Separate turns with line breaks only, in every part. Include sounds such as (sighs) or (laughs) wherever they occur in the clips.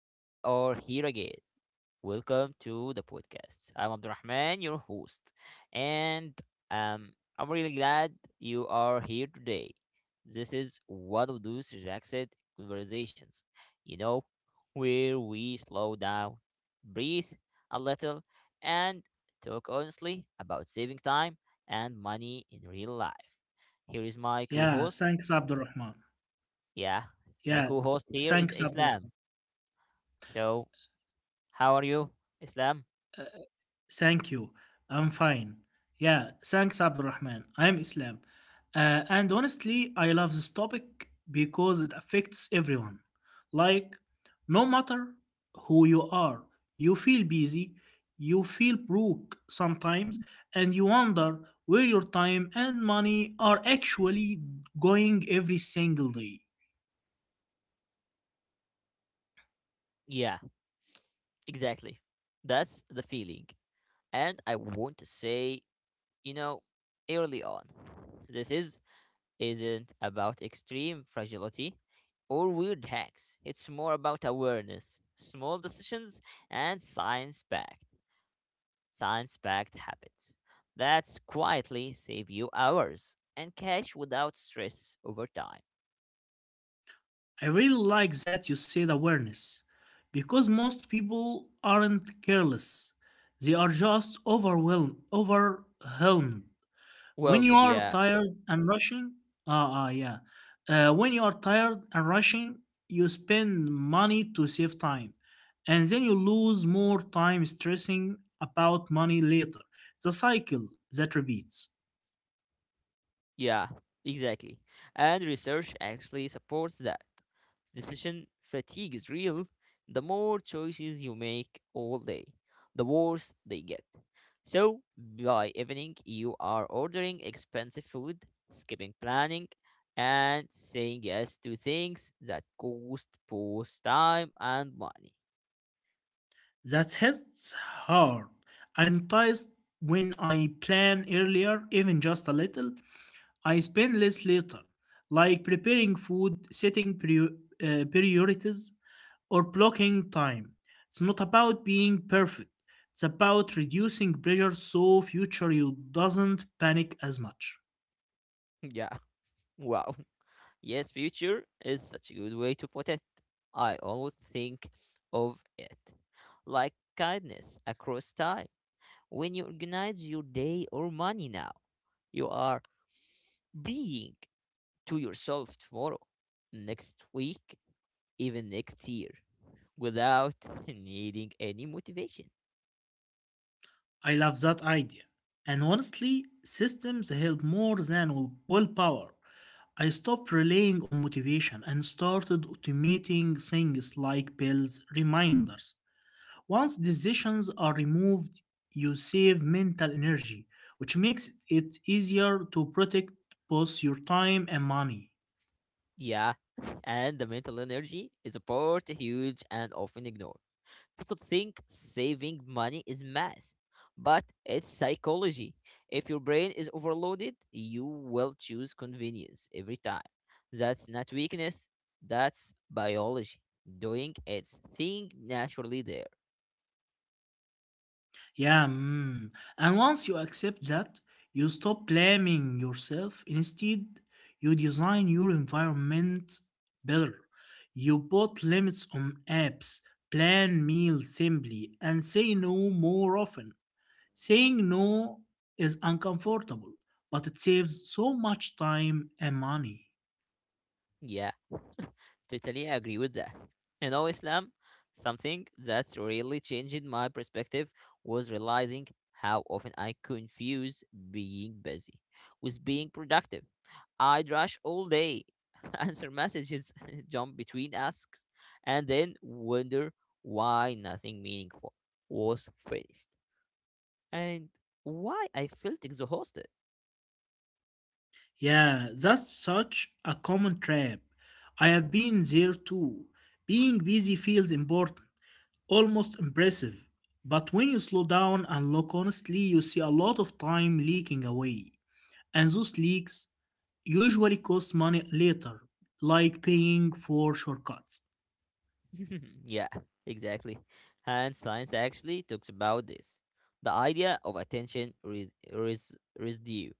We are here again. Welcome to the podcast. I'm Abdurrahman, your host. And um, I'm really glad you are here today. This is one of those relaxed conversations, you know, where we slow down, breathe a little, and talk honestly about saving time and money in real life. Here is my co
Yeah,
host.
thanks, Abdulrahman.
Yeah, my
Yeah,
co-host here is
thanks,
Islam.
Abdulrahman.
So, how are you, Islam?
Uh, Thank you. I'm fine. Yeah, thanks, Abdulrahman. I'm Islam. And honestly, I love this topic because it affects everyone. Like, no matter who you are, you feel busy, you feel broke sometimes, and you wonder where your time and money are actually going every single day.
Yeah, exactly. That's the feeling. And I want to say, you know, early on, this is isn't about extreme fragility or weird hacks. It's more about awareness, small decisions, and science-backed habits that quietly save you hours and cash without stress over time.
I really like that you said awareness because most people aren't careless. They are just overwhelmed, overwhelmed. When
Well,
you are
Madhya.
tired and rushing, yeah. When you are tired and rushing, you spend money to save time, and then you lose more time stressing about money later. It's a cycle that repeats.
Yeah, exactly. And research actually supports that. Decision fatigue is real. The more choices you make all day, the worse they get. So, by evening, you are ordering expensive food, skipping planning, and saying yes to things that cost both time and money.
That hits hard. I'm tired when I plan earlier, even just a little. I spend less later, like preparing food, setting priorities, or blocking time. It's not about being perfect. It's about reducing pressure so future you doesn't panic as much.
(laughs) Yeah, wow. Yes, future is such a good way to put it. I always think of it like kindness across time. When you organize your day or money now, you are being to yourself tomorrow, next week, even next year, without (laughs) needing any motivation.
I love that idea. And honestly, systems help more than willpower. I stopped relying on motivation and started automating things like bells reminders. Once decisions are removed, you save mental energy, which makes it easier to protect both your time and money.
Yeah, (laughs) and the mental energy is a part huge and often ignored. People think saving money is math, but it's psychology. If your brain is overloaded, you will choose convenience every time. That's not weakness, that's biology doing its thing naturally there.
Yeah, mm. And once you accept that, you stop blaming yourself. Instead, you design your environment better. You put limits on apps, plan meals simply, and say no more often. Saying no is uncomfortable, but it saves so much time and money.
Yeah. Totally agree with that. You know, Islam, something that's really changed my perspective was realizing how often I confuse being busy with being productive. I'd rush all day, (laughs) answer messages, (laughs) jump between asks, and then wonder why nothing meaningful was finished and why I felt exhausted.
Yeah, that's such a common trap. I have been there too. Being busy feels important, almost impressive. But when you slow down and look honestly, you see a lot of time leaking away. And those leaks usually cost money later, like paying for shortcuts.
(laughs) Yeah, exactly. And science actually talks about this. The idea of attention residue.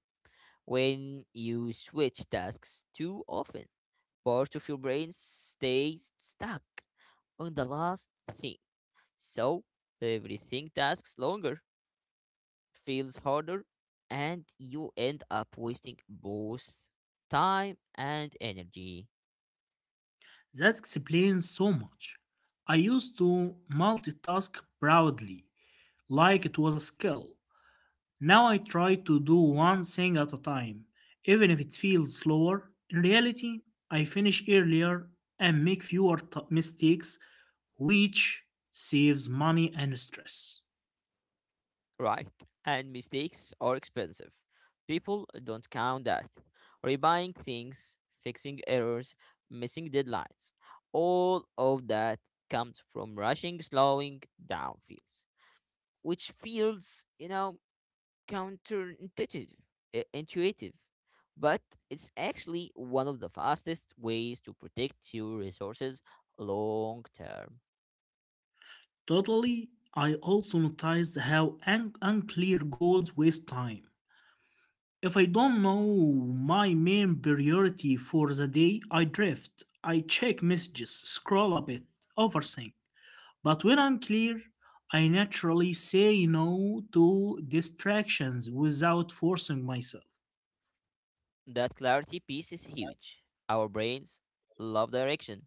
When you switch tasks too often, parts of your brain stay stuck on the last thing. So everything tasks longer, feels harder, and you end up wasting both time and energy.
That explains so much. I used to multitask proudly, like it was a skill. Now I try to do one thing at a time, even if it feels slower. In reality, I finish earlier and make fewer mistakes, which saves money and stress.
Right. And mistakes are expensive. People don't count that. Rebuying things, fixing errors, missing deadlines. All of that comes from rushing, slowing down feels, which feels counterintuitive, intuitive. But it's actually one of the fastest ways to protect your resources long term.
Totally. I also noticed how unclear goals waste time. If I don't know my main priority for the day, I drift. I check messages, scroll a bit, overthink. But when I'm clear, I naturally say no to distractions without forcing myself.
That clarity piece is huge. Our brains love direction.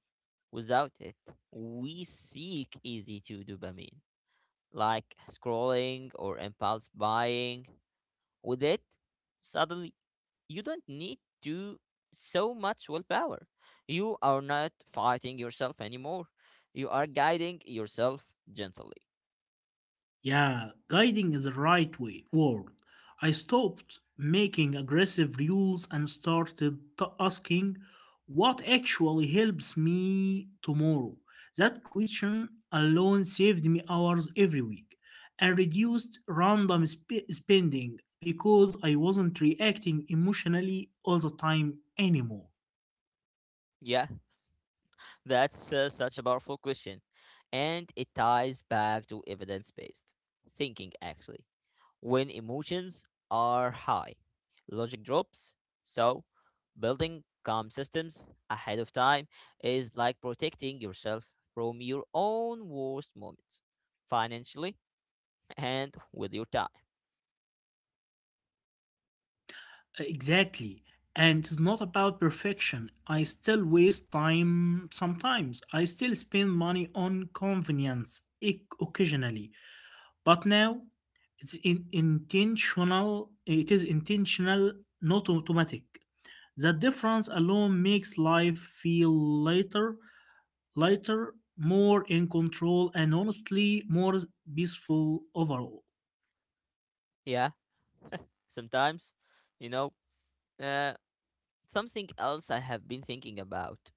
Without it, we seek easy to dopamine, like scrolling or impulse buying. With it, suddenly you don't need to so much willpower. You are not fighting yourself anymore. You are guiding yourself gently.
Yeah, guiding is the right way word. I stopped making aggressive rules and started asking what actually helps me tomorrow. That question alone saved me hours every week and reduced random spending because I wasn't reacting emotionally all the time anymore.
Yeah, that's such a powerful question. And it ties back to evidence based thinking, actually. When emotions are high, logic drops. So, building calm systems ahead of time is like protecting yourself from your own worst moments, financially and with your time.
Exactly. And it's not about perfection. I still waste time sometimes. I still spend money on convenience occasionally. But now it's intentional. It is intentional, not automatic. The difference alone makes life feel lighter, more in control, and honestly more peaceful overall.
Yeah, sometimes, you know, uh, something else I have been thinking about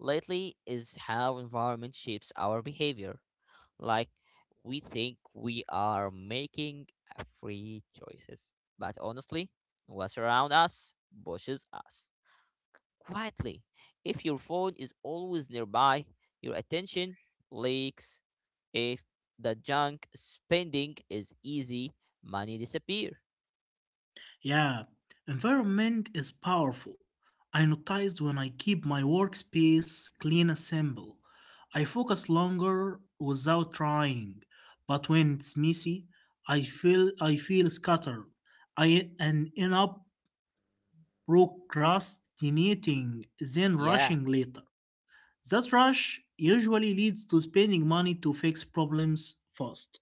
lately is how environment shapes our behavior. Like we think we are making free choices, but honestly, what's around us pushes us quietly. If your phone is always nearby, your attention leaks. If the junk spending is easy, money disappear.
Yeah, environment is powerful. I noticed when I keep my workspace clean and simple. I focus longer without trying, but when it's messy, I feel scattered. I and end up procrastinating, then
Yeah,
rushing later. That rush usually leads to spending money to fix problems fast.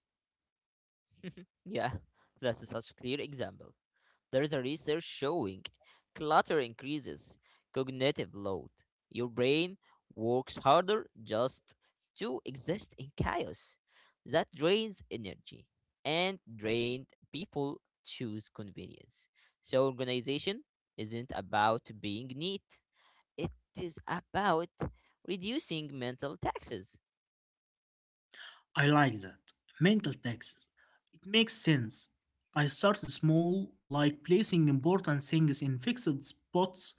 (laughs) yeah, that's such a clear example. There is a research showing clutter increases cognitive load. Your brain works harder just to exist in chaos. That drains energy, and drained people choose convenience. So, organization isn't about being neat, it is about reducing mental taxes.
I like that. Mental taxes. It makes sense. I started small, like placing important things in fixed spots: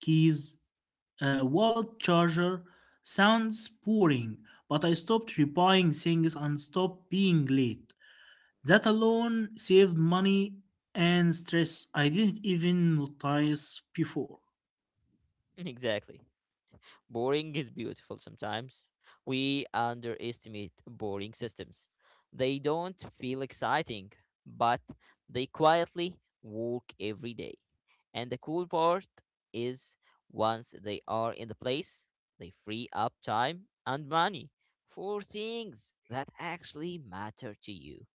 keys, wallet, charger. Sounds boring, but I stopped repairing things and stopped being late. That alone saved money and stress I didn't even notice before.
(laughs) Exactly. Boring is beautiful sometimes. We underestimate boring systems. They don't feel exciting, but they quietly work every day. And the cool part is once they are in the place, they free up time and money for things that actually matter to you.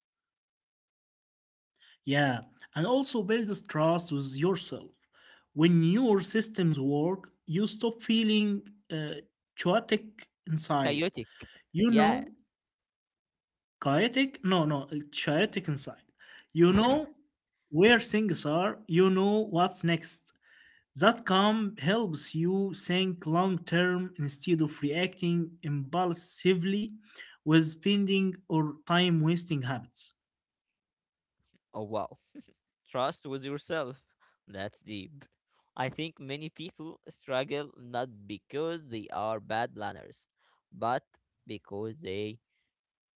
Yeah, and also builds trust with yourself. When your systems work, you stop feeling uh, chaotic inside.
Chaotic.
You
Yeah.
know, chaotic, no, no, chaotic inside. You know where things are, you know what's next. That calm helps you think long term instead of reacting impulsively with spending or time wasting habits.
Oh, wow. Trust with yourself. That's deep. I think many people struggle not because they are bad planners, but because they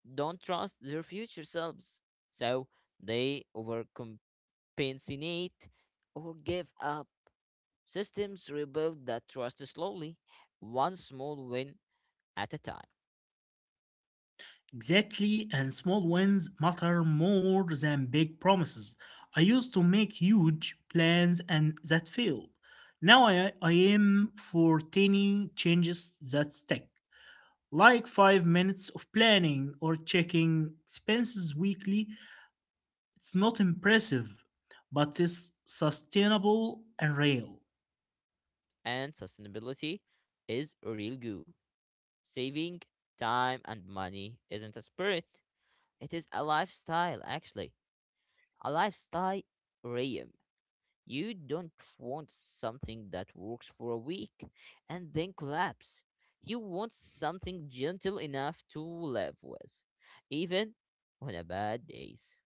don't trust their future selves. So they overcompensate or give up. Systems rebuild that trust slowly, one small win at a time.
Exactly, and small wins matter more than big promises. I used to make huge plans and that failed. Now I aim for tiny changes that stick, like 5 minutes of planning or checking expenses weekly. It's not impressive, but it's sustainable and real.
And sustainability is real good. Saving time and money isn't a spirit, it is a lifestyle, actually. A lifestyle realm. You don't want something that works for a week and then collapse. You want something gentle enough to live with, even on a bad days.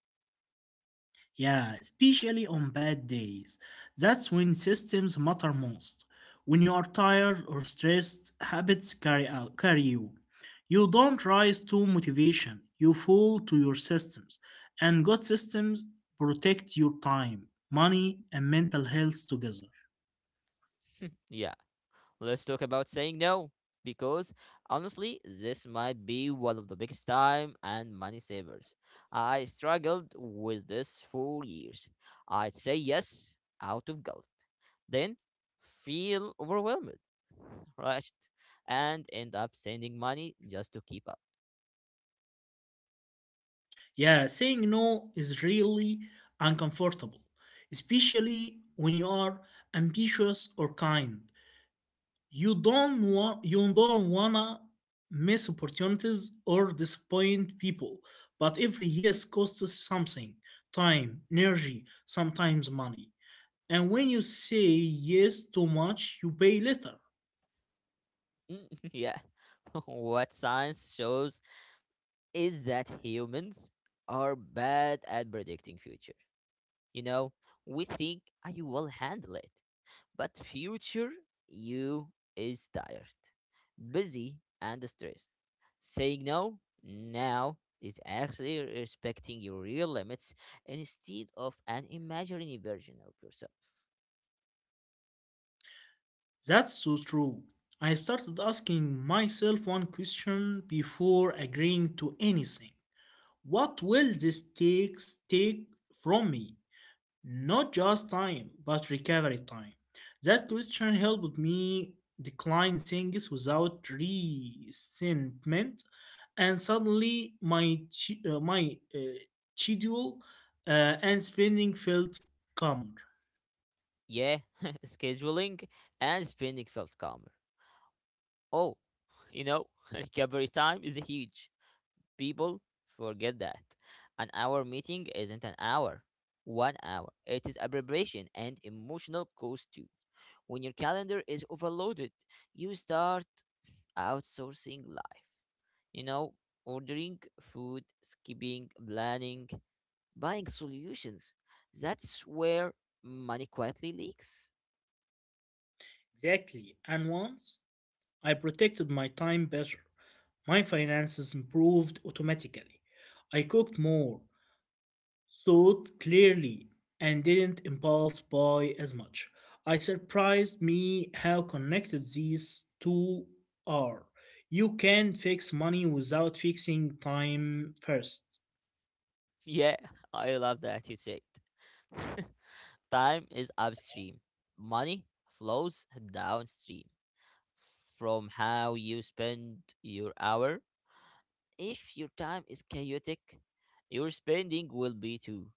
Yeah, especially on bad days. That's when systems matter most. When you are tired or stressed, habits carry you. You don't rise to motivation, you fall to your systems. And good systems protect your time, money, and mental health together.
Yeah. Let's talk about saying no because honestly, this might be one of the biggest time and money savers. I struggled with this for years. I'd say yes out of guilt, then feel overwhelmed, rushed, and end up sending money just to keep up.
Yeah, saying no is really uncomfortable, especially when you are ambitious or kind. You don't wanna miss opportunities or disappoint people, but every yes costs something: time, energy, sometimes money. And when you say yes too much, you pay later.
Mm, (laughs) yeah, (laughs) what science shows is that humans are bad at predicting future. You know, we think I will handle it. But future you is tired, busy, and stressed. Saying no now is actually respecting your real limits instead of an imaginary version of yourself.
That's so true. I started asking myself one question before agreeing to anything: what will this take from me? Not just time, but recovery time. That question helped me decline things without resentment, and suddenly my schedule and spending felt calmer.
Yeah, (laughs) scheduling and spending felt calmer. Oh, you know, (laughs) recovery time is huge. People forget that. An hour meeting isn't an hour. 1 hour. It is abbreviation and emotional cost too. When your calendar is overloaded, you start outsourcing life. You know, ordering food, skipping, planning, buying solutions. That's where money quietly leaks. (laughs)
Exactly, and once I protected my time better, my finances improved automatically. I cooked more, thought clearly, and didn't impulse buy as much. I surprised me how connected these two are. You can not fix money without fixing time first.
Yeah, I love that you said. (laughs) Time is upstream, money flows downstream from how you spend your hour. If your time is chaotic, your spending will be too.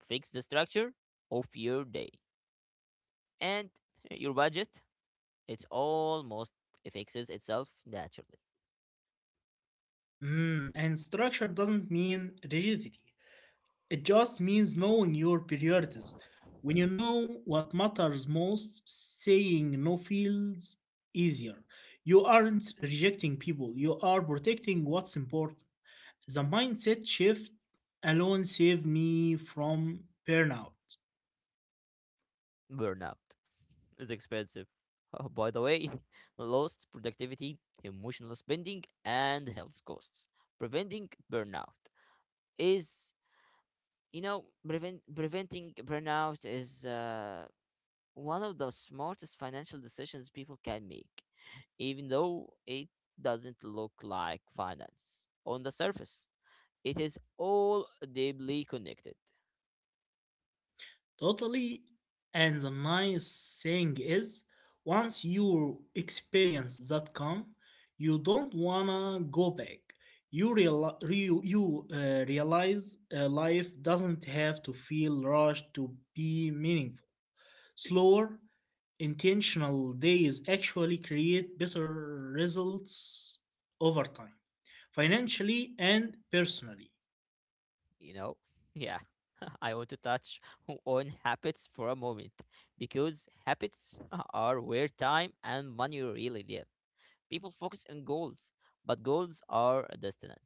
Fix the structure of your day and (laughs) your budget. It's almost it fixes itself naturally.
Mm, and structure doesn't mean rigidity. It just means knowing your priorities. When you know what matters most, saying no feels easier. You aren't rejecting people, you are protecting what's important. The mindset shift alone saved me from burnout.
Burnout (laughs) is expensive. Oh, by the way, (laughs) lost productivity, emotional spending, and health costs. Preventing burnout is, preventing burnout is one of the smartest financial decisions people can make, even though it doesn't look like finance on the surface. It is all deeply connected,
Totally. And the nice thing is, once you experience that calm, you don't wanna go back. You realize life doesn't have to feel rushed to be meaningful. Slower, intentional days actually create better results over time, financially and personally.
you know? Yeah. (laughs) I want to touch (laughs) on habits for a moment because habits (laughs) are where time and money really live. People focus on goals, but goals are distant.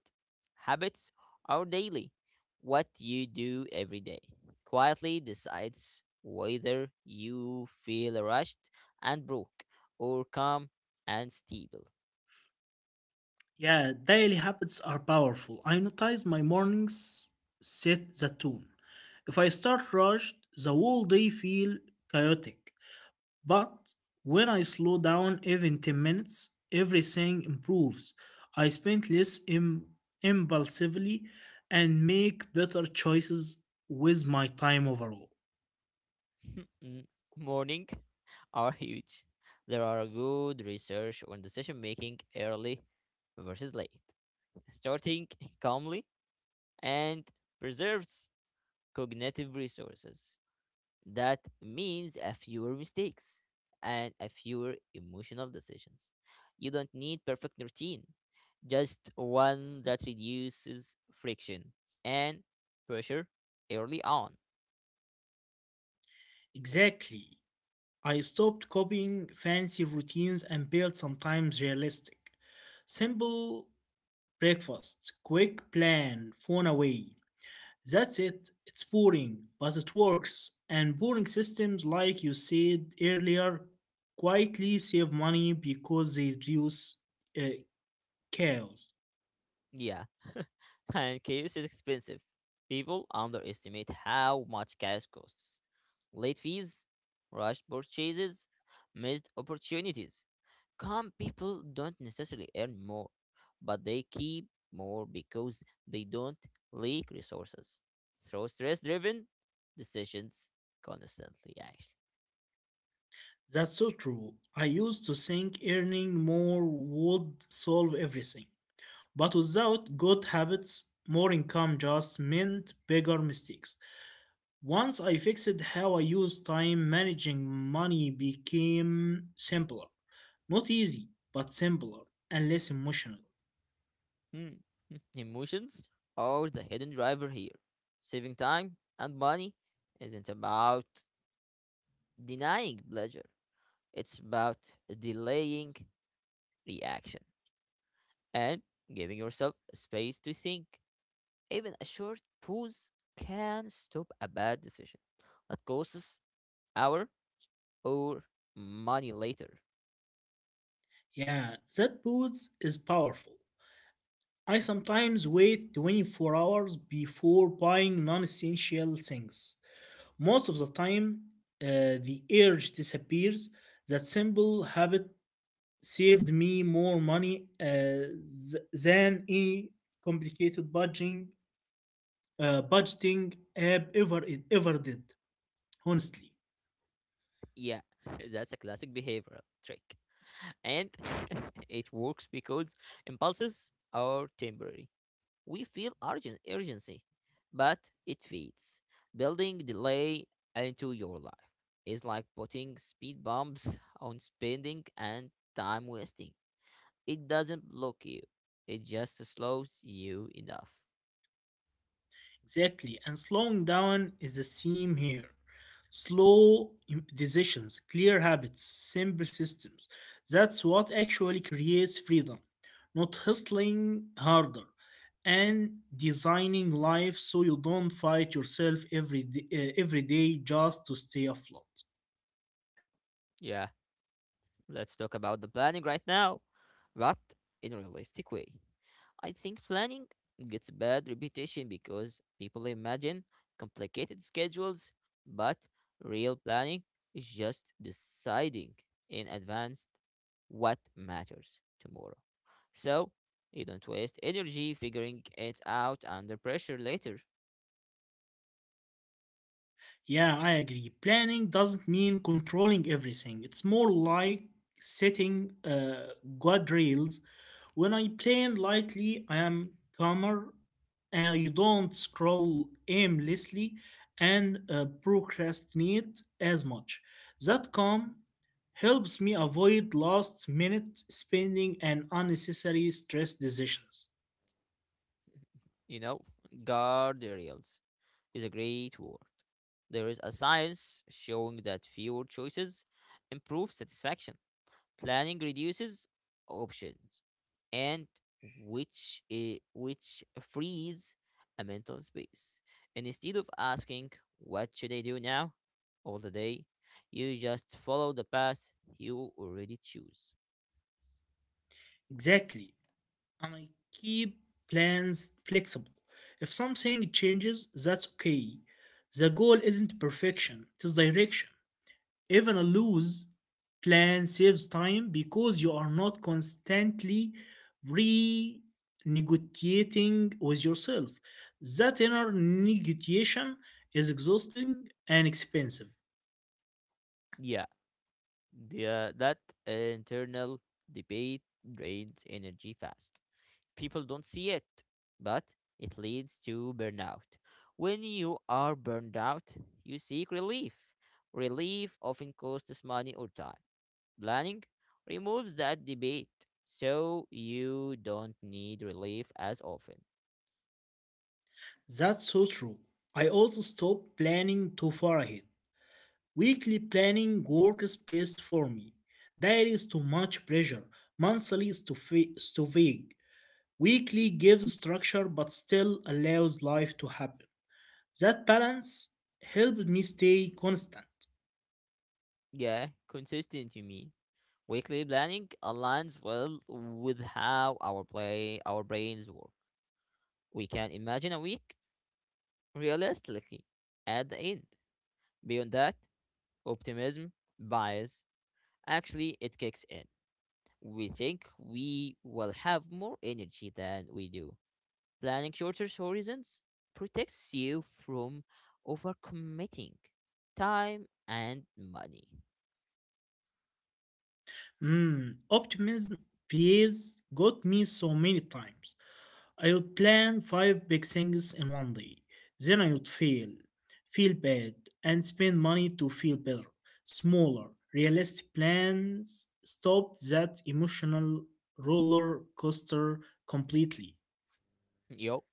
Habits are daily. What you do every day quietly decides whether you feel rushed and broke or calm and stable.
Yeah, daily habits are powerful. I notice my mornings set the tone. If I start rushed, the whole day feel chaotic. But when I slow down even 10 minutes, everything improves. I spend less impulsively and make better choices with my time overall.
Mm, morning (laughs) are huge. There are good research on decision making early versus late, starting calmly and preserves cognitive resources. That means a fewer mistakes and a fewer emotional decisions. You don't need perfect routine, just one that reduces friction and pressure early on.
Exactly. I stopped copying fancy routines and built sometimes realistic. Simple breakfast, quick plan, phone away. That's it. It's boring, but it works. And boring systems, like you said earlier, quietly save money because they reduce uh, chaos.
Yeah, (laughs) and chaos is expensive. People underestimate how much chaos costs. Late fees, rushed purchases, missed opportunities. Calm people don't necessarily earn more, but they keep more because they don't leak resources. Throw stress driven decisions constantly, actually.
That's so true. I used to think earning more would solve everything. But without good habits, more income just meant bigger mistakes. Once I fixed how I use time, managing money became simpler. Not easy, but simpler and less emotional.
Hmm. (laughs) Hmm. Emotions are the hidden driver here. Saving time and money isn't about denying pleasure. It's about delaying reaction and giving yourself space to think. Even a short pause can stop a bad decision that costs hour or money later.
Yeah, that booth is powerful. I sometimes wait 24 hours before buying non essential things. Most of the time, the urge disappears. That simple habit saved me more money than any complicated budgeting app ever did, honestly.
Yeah, (laughs) that's a classic behavioral trick. And (laughs) it works because impulses are temporary. We feel urgency, but it feeds. Building delay into your life is like putting speed bumps on spending and time wasting. It doesn't block you, it just slows you enough.
Exactly, and slowing down is the same here: slow decisions, clear habits, simple systems. That's what actually creates freedom, not hustling harder, and designing life so you don't fight yourself every day just to stay afloat.
Yeah, let's talk about the planning right now, but in a realistic way. I think planning gets a bad reputation because people imagine complicated schedules, but real planning is just deciding in advance what matters tomorrow. So you don't waste energy figuring it out under pressure later.
Yeah, I agree. Planning doesn't mean controlling everything. It's more like setting guardrails. When I plan lightly, I am calmer, and you don't scroll aimlessly and procrastinate as much. That calm helps me avoid last minute spending and unnecessary stress decisions.
You know, guardrails is a great word. There is a science showing that fewer choices improve satisfaction. Planning reduces options, and which frees a mental space. And instead of asking what should I do now, all the day, you just follow the path you already choose.
Exactly. And I keep plans flexible. If something changes, that's okay. The goal isn't perfection, it is direction. Even a loose plan saves time because you are not constantly renegotiating with yourself. That inner negotiation is exhausting and expensive.
Yeah, the, that internal debate drains energy fast. People don't see it, but it leads to burnout. When you are burned out, you seek relief. Relief often costs money or time. Planning removes that debate, so you don't need relief as often.
That's so true. I also stopped planning too far ahead. Weekly planning works best for me. Daily is too much pressure. Monthly is too vague. Weekly gives structure but still allows life to happen. That balance helped me stay constant.
Yeah, consistent, you mean. Weekly planning aligns well with how our brains work. We can imagine a week realistically at the end. Beyond that, optimism, bias, actually it kicks in. We think we will have more energy than we do. Planning shorter horizons protects you from overcommitting time and money.
Mm, optimism pays got me so many times. I would plan five big things in one day. Then I would fail, feel bad, and spend money to feel better. Smaller, realistic plans stopped that emotional roller coaster completely.
(laughs) Yo,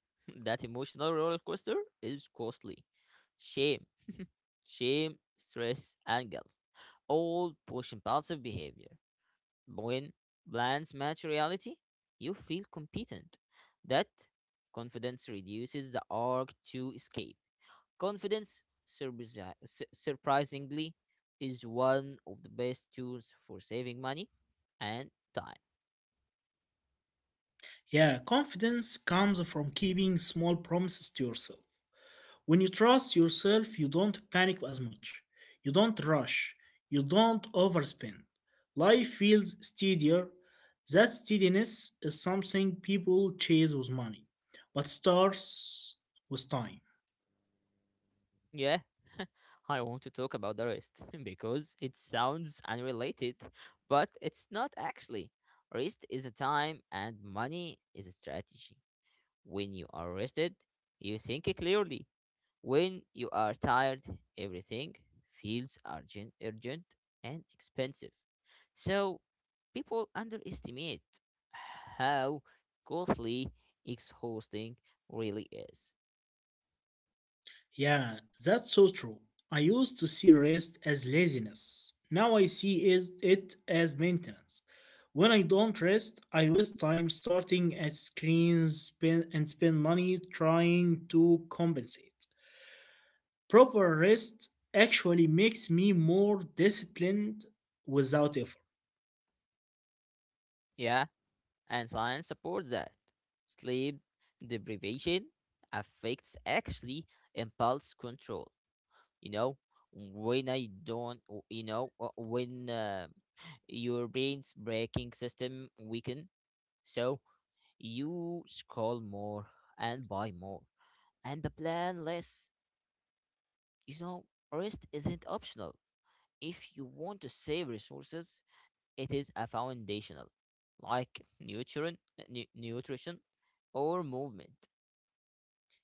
that emotional roller coaster is costly. Shame, Shame, stress, and guilt. All push impulsive behavior. When plans match reality, you feel competent. That confidence reduces the urge to escape. Confidence, surprisingly, is one of the best tools for saving money and time.
Yeah, confidence comes from keeping small promises to yourself. When you trust yourself, you don't panic as much. You don't rush. You don't overspend. Life feels steadier. That steadiness is something people chase with money, but starts with time.
Yeah, (laughs) I want to talk about the rest (laughs) because it sounds unrelated, but it's not actually. Rest is a time and money is a strategy. When you are rested, you think clearly. When you are tired, everything feels urgent and expensive. So people underestimate how costly exhausting really is.
Yeah, that's so true. I used to see rest as laziness. Now I see it as maintenance. When I don't rest, I waste time starting at screens spend, and spend money trying to compensate. Proper rest actually makes me more disciplined without effort.
Yeah, and science supports that. Sleep deprivation affects actually impulse control. You know, when I don't, you know, when your brain's braking system weaken, so you scroll more and buy more, and the plan less. You know, rest isn't optional. If you want to save resources, it is a foundational, like nutrition, nutrition, or movement.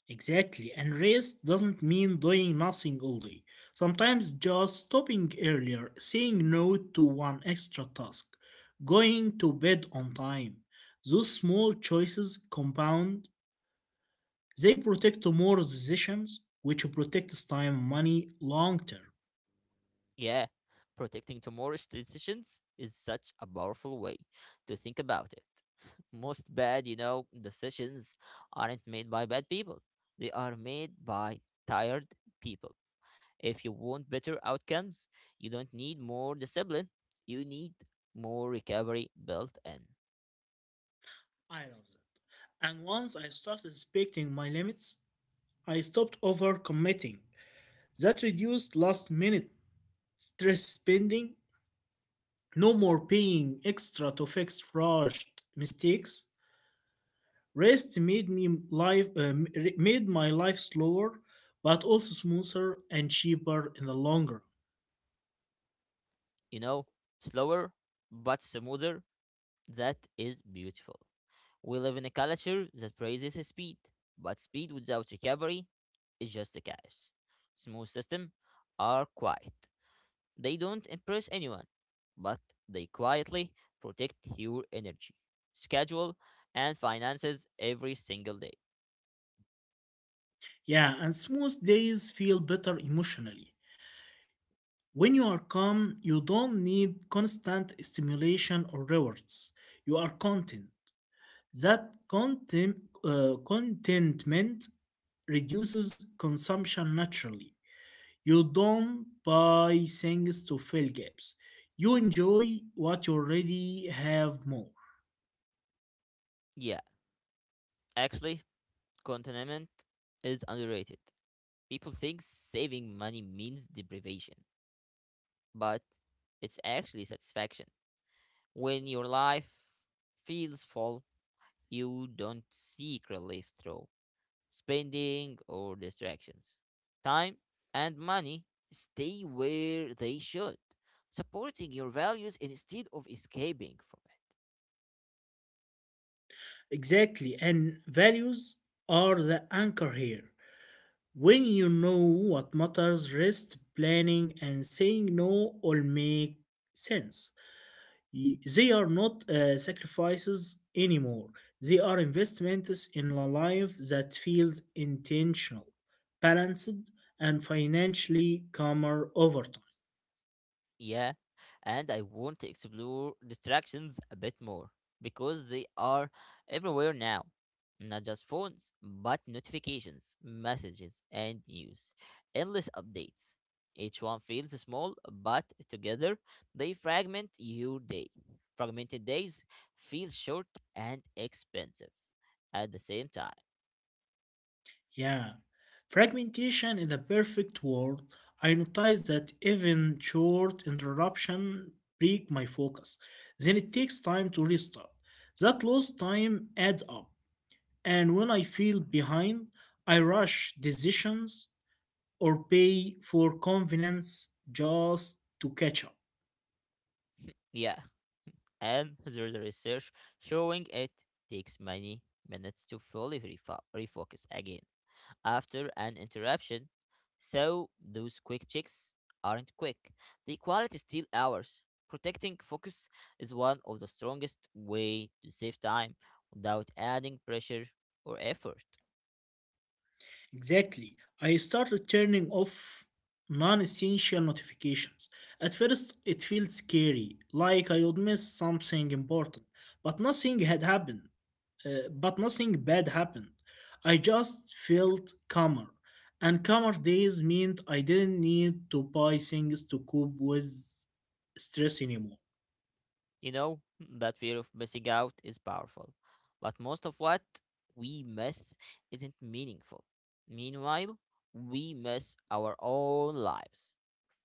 Exactly. And rest doesn't mean doing nothing all day. Sometimes just stopping earlier, saying no to one extra task, going to bed on time. Those small choices compound. They protect more decisions, which protects time, money, long term.
Yeah, protecting tomorrow's decisions is such a powerful way to think about it. (laughs) Most bad, decisions aren't made by bad people, they are made by tired people. If you want better outcomes, you don't need more discipline, you need more recovery built in.
I love that. And once I started respecting my limits, I stopped overcommitting. That reduced last minute stress spending, no more paying extra to fix rushed mistakes. Rest made me life made my life slower, but also smoother and cheaper in the longer.
You know, slower but smoother. That is beautiful. We live in a culture that praises speed, but speed without recovery is just a chaos. Smooth systems are quiet. They don't impress anyone, but they quietly protect your energy, schedule, and finances every single day.
Yeah, and smooth days feel better emotionally. When you are calm, you don't need constant stimulation or rewards. You are content. That contentment reduces consumption naturally. You don't buy things to fill gaps. You enjoy what you already have more.
Yeah, actually, contentment is underrated. People think saving money means deprivation, but it's actually satisfaction. When your life feels full, you don't seek relief through spending or distractions. Time and money stay where they should, supporting your values instead of escaping from it.
Exactly, and values are the anchor here. When you know what matters, rest, planning, and saying no all make sense. They are not sacrifices anymore. They are investments in a life that feels intentional, balanced, and financially calmer over time.
Yeah, and I want to explore distractions a bit more because they are everywhere now. Not just phones, but notifications, messages, and news. Endless updates. Each one feels small, but together they fragment your day. Fragmented days feel short and expensive at the same time.
Yeah. Fragmentation is the perfect word. I notice that even short interruption break my focus. Then it takes time to restart. That lost time adds up. And when I feel behind, I rush decisions or pay for convenience just to catch up.
Yeah, and there's a research showing it takes many minutes to fully refocus again after an interruption. So those quick checks aren't quick. The quality still hours. Protecting focus is one of the strongest way to save time without adding pressure or effort.
Exactly. I started turning off non essential notifications. At first, it felt scary, like I would miss something important, but nothing had happened. But nothing bad happened. I just felt calmer. And calmer days meant I didn't need to buy things to cope with stress anymore.
You know, that fear of missing out is powerful. But most of what we miss isn't meaningful. Meanwhile, we miss our own lives.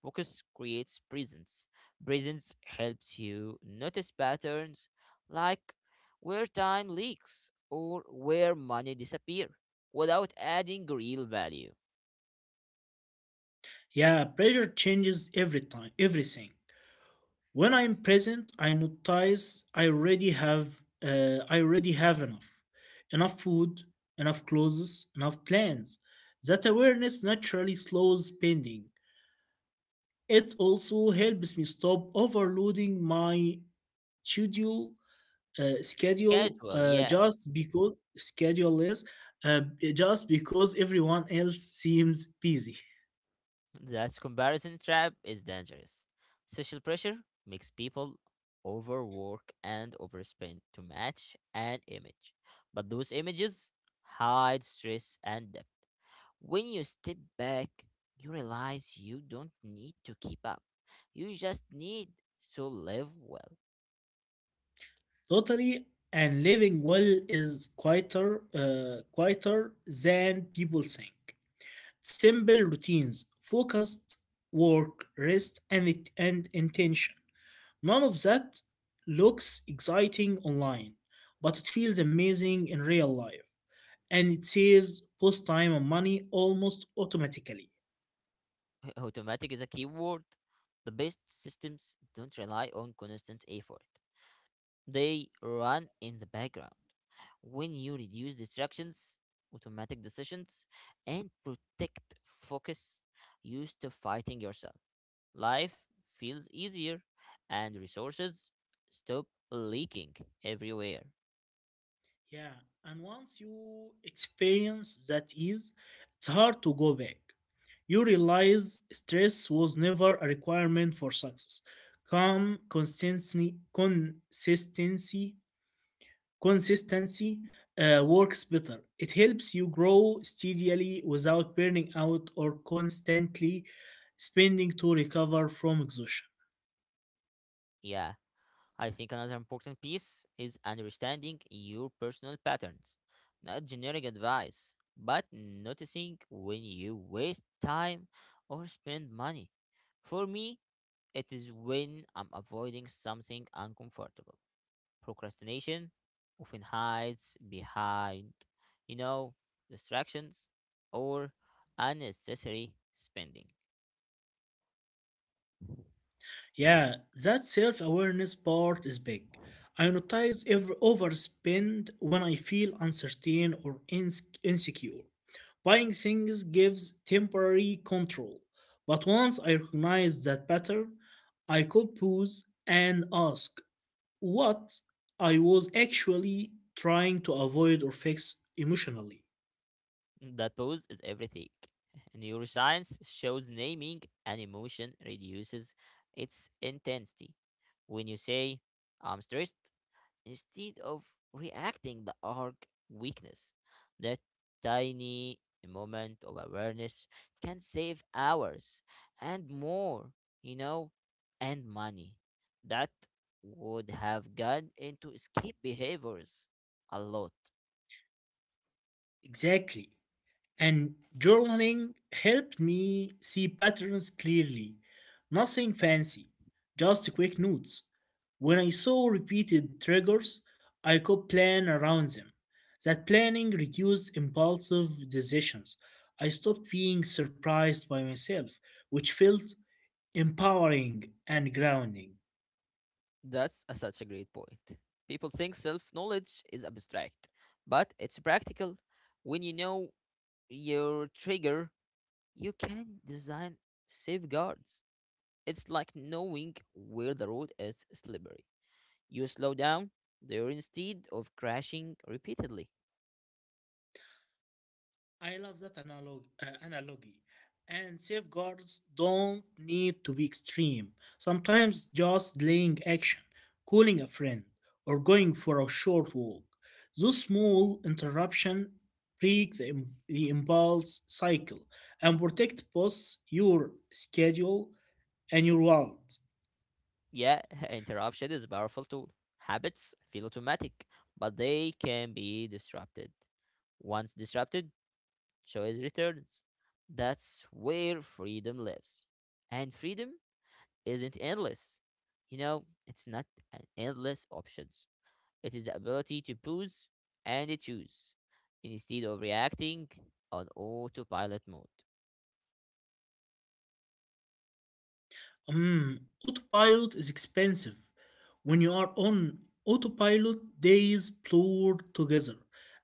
Focus creates presence. Presence helps you notice patterns like where time leaks or where money disappear without adding real value.
Yeah, pressure changes every time, everything. When I'm present, I notice I already have enough, enough food, enough clothes, enough plans. That awareness naturally slows spending. It also helps me stop overloading my schedule,
Schedule, yeah.
just because schedule is uh, just because everyone else seems busy.
That comparison trap is dangerous. Social pressure makes people overwork and overspend to match an image. But those images hide stress and depth. When you step back, you realize you don't need to keep up. You just need to live well.
(laughs) Totally. And living well is quieter than people think. Simple routines, focused work, rest, and intention. None of that looks exciting online, but it feels amazing in real life. And it saves both time and money almost automatically.
(laughs) Automatic is a key word. The best systems don't rely on constant effort, they run in the background. When you reduce distractions, automatic decisions, and protect focus, you stop fighting yourself. Life feels easier, and resources stop leaking everywhere.
Yeah, and once you experience that ease, it's hard to go back. You realize stress was never a requirement for success. Calm, consistency works better. It helps you grow steadily without burning out or constantly spending to recover from exhaustion.
Yeah. I think another important piece is understanding your personal patterns, not generic advice, but noticing when you waste time or spend money. For me, it is when I'm avoiding something uncomfortable. Procrastination often hides behind, you know, distractions or unnecessary spending.
Yeah, that self awareness part is big. I notice every overspend when I feel uncertain or insecure. Buying things gives temporary control, but once I recognize that pattern, I could pause and ask what I was actually trying to avoid or fix emotionally.
That pose is everything. (laughs) Neuroscience shows naming an emotion reduces its intensity. When you say, I'm stressed, instead of reacting the arc weakness, that tiny moment of awareness can save hours and more, you know, and money that would have gone into escape behaviors a lot.
Exactly. And journaling helped me see patterns clearly. Nothing fancy, just quick notes. When I saw repeated triggers, I could plan around them. That planning reduced impulsive decisions. I stopped being surprised by myself, which felt empowering and grounding.
That's a, such a great point. People think self knowledge is abstract, but it's practical. When you know your trigger, you can design safeguards. It's like knowing where the road is slippery. You slow down there instead of crashing repeatedly.
I love that analogy. And safeguards don't need to be extreme. Sometimes just delaying action, calling a friend, or going for a short walk. Those small interruptions break the impulse cycle and protect both your schedule and your wallet.
Yeah, (laughs) interruption is a powerful tool. Habits feel automatic, but they can be disrupted. Once disrupted, choice returns. That's where freedom lives. And freedom isn't endless. You know, it's not an endless options. It is the ability to pause and choose instead of reacting on autopilot mode.
Mm, autopilot is expensive. When you are on autopilot, days blur together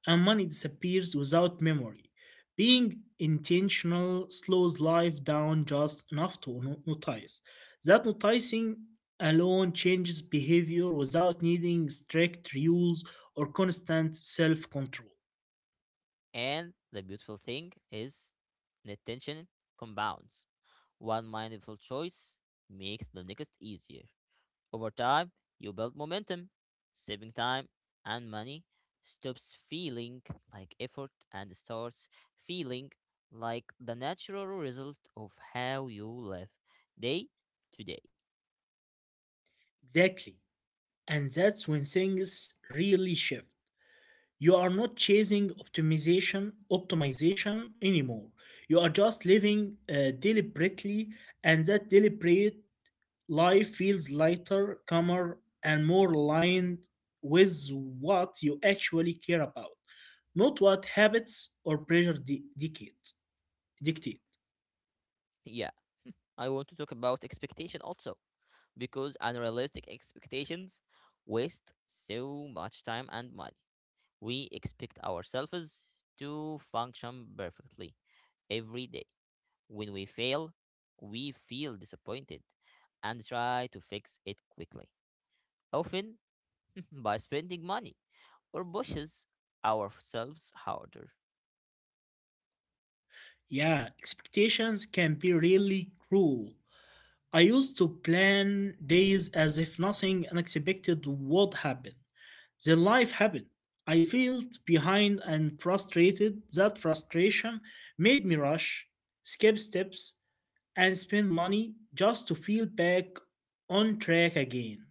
and money disappears without memory. Being intentional slows life down just enough to notice. That noticing alone changes behavior without needing strict rules or constant self control.
And the beautiful thing is the tension compounds. One mindful choice makes the next easier. Over time, you build momentum, saving time and money stops feeling like effort and starts feeling like the natural result of how you live day to day. (laughs)
Exactly. And that's when things really shift. You are not chasing optimization anymore. You are just living deliberately, and that deliberate life feels lighter, calmer, and more aligned with what you actually care about, not what habits or pressure dictate.
Yeah, I want to talk about expectation also because unrealistic expectations waste so much time and money. We expect ourselves to function perfectly every day. When we fail, we feel disappointed and try to fix it quickly, often (laughs) by spending money or pushes ourselves harder.
Yeah, expectations can be really cruel. I used to plan days as if nothing unexpected would happen. Then life happened. I felt behind and frustrated. That frustration made me rush, skip steps, and spend money just to feel back on track again.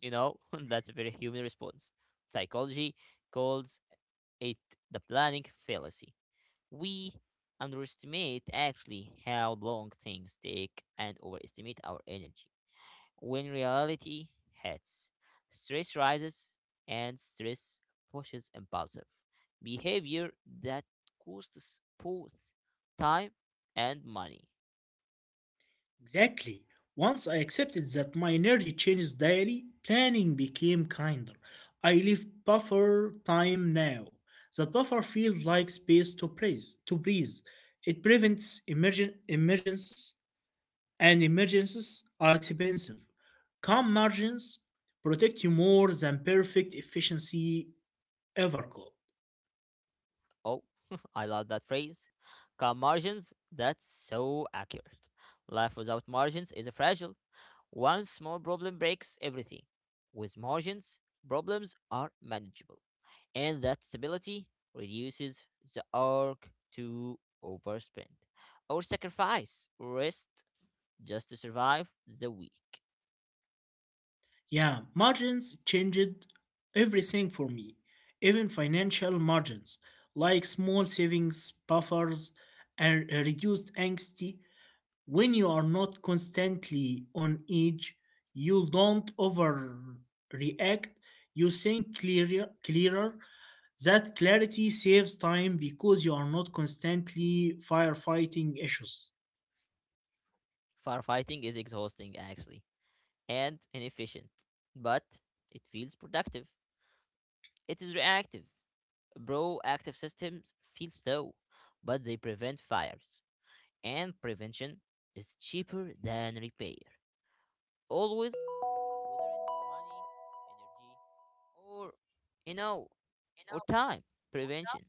You know, (laughs) that's a very human response. Psychology calls it the planning fallacy. We underestimate actually how long things take and overestimate our energy. When reality hits, stress rises and stress pushes impulsive behavior that costs both time and money.
Exactly. Once I accepted that my energy changes daily, planning became kinder. I leave buffer time now. That buffer feels like space to breathe. To breathe, it prevents emergencies, and emergencies are expensive. Calm margins protect you more than perfect efficiency ever could.
Oh, (laughs) I love that phrase. Calm margins, that's so accurate. Life without margins is fragile. One small problem breaks everything. With margins, problems are manageable. And that stability reduces the arc to overspend or sacrifice rest just to survive the week.
Yeah, margins changed everything for me, even financial margins, like small savings buffers and reduced anxiety. When you are not constantly on edge, you don't overreact, you think clearer. That clarity saves time because you are not constantly firefighting issues.
Firefighting is exhausting, actually, and inefficient, but it feels productive. It is reactive. Proactive systems feel slow, but they prevent fires, and prevention is cheaper than repair. Always, whether it's money, energy, or you know, or time. Prevention.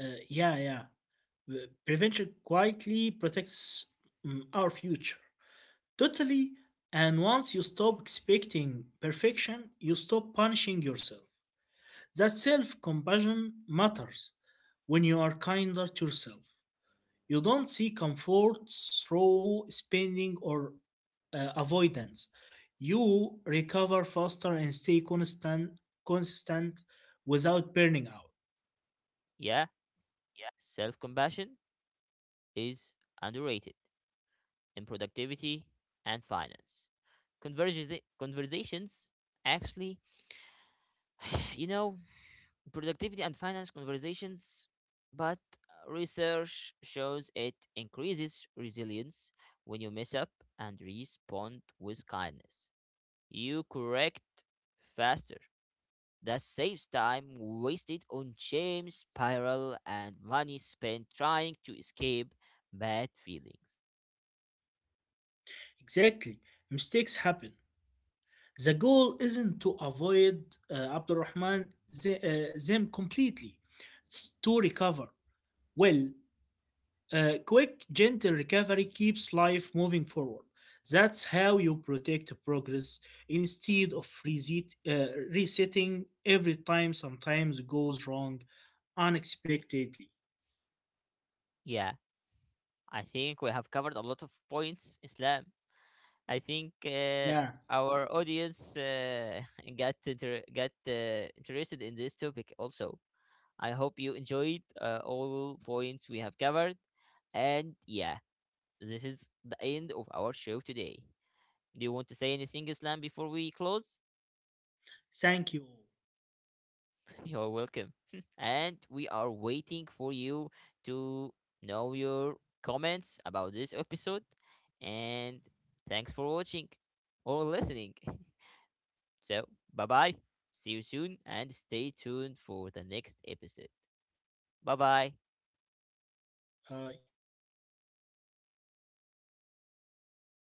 Yeah. Prevention quietly protects our future. Totally. And once you stop expecting perfection, you stop punishing yourself. That self compassion matters when you are kinder to yourself. You don't seek comfort through spending or avoidance. You recover faster and stay consistent without burning out.
Yeah, self compassion is underrated in productivity and finance. Conversations actually, (sighs) you know, productivity and finance conversations, but research shows it increases resilience when you mess up and respond with kindness. You correct faster. That saves time wasted on shame, spiral, and money spent trying to escape bad feelings.
Exactly. Mistakes happen. The goal isn't to avoid them completely, it's to recover. Well, quick, gentle recovery keeps life moving forward. That's how you protect progress instead of resetting every time sometimes goes wrong unexpectedly.
Yeah, I think we have covered a lot of points, Islam. I think
Yeah,
our audience (laughs) got interested in this topic also. I hope you enjoyed all points we have covered. And yeah, this is the end of our show today. Do you want to say anything, Islam, before we close?
thank you.
You're welcome. (laughs) And we are waiting for you to know your comments about this episode. And thanks for watching or listening. (laughs) So, bye bye. See you soon and stay tuned for the next episode. Bye bye.
All.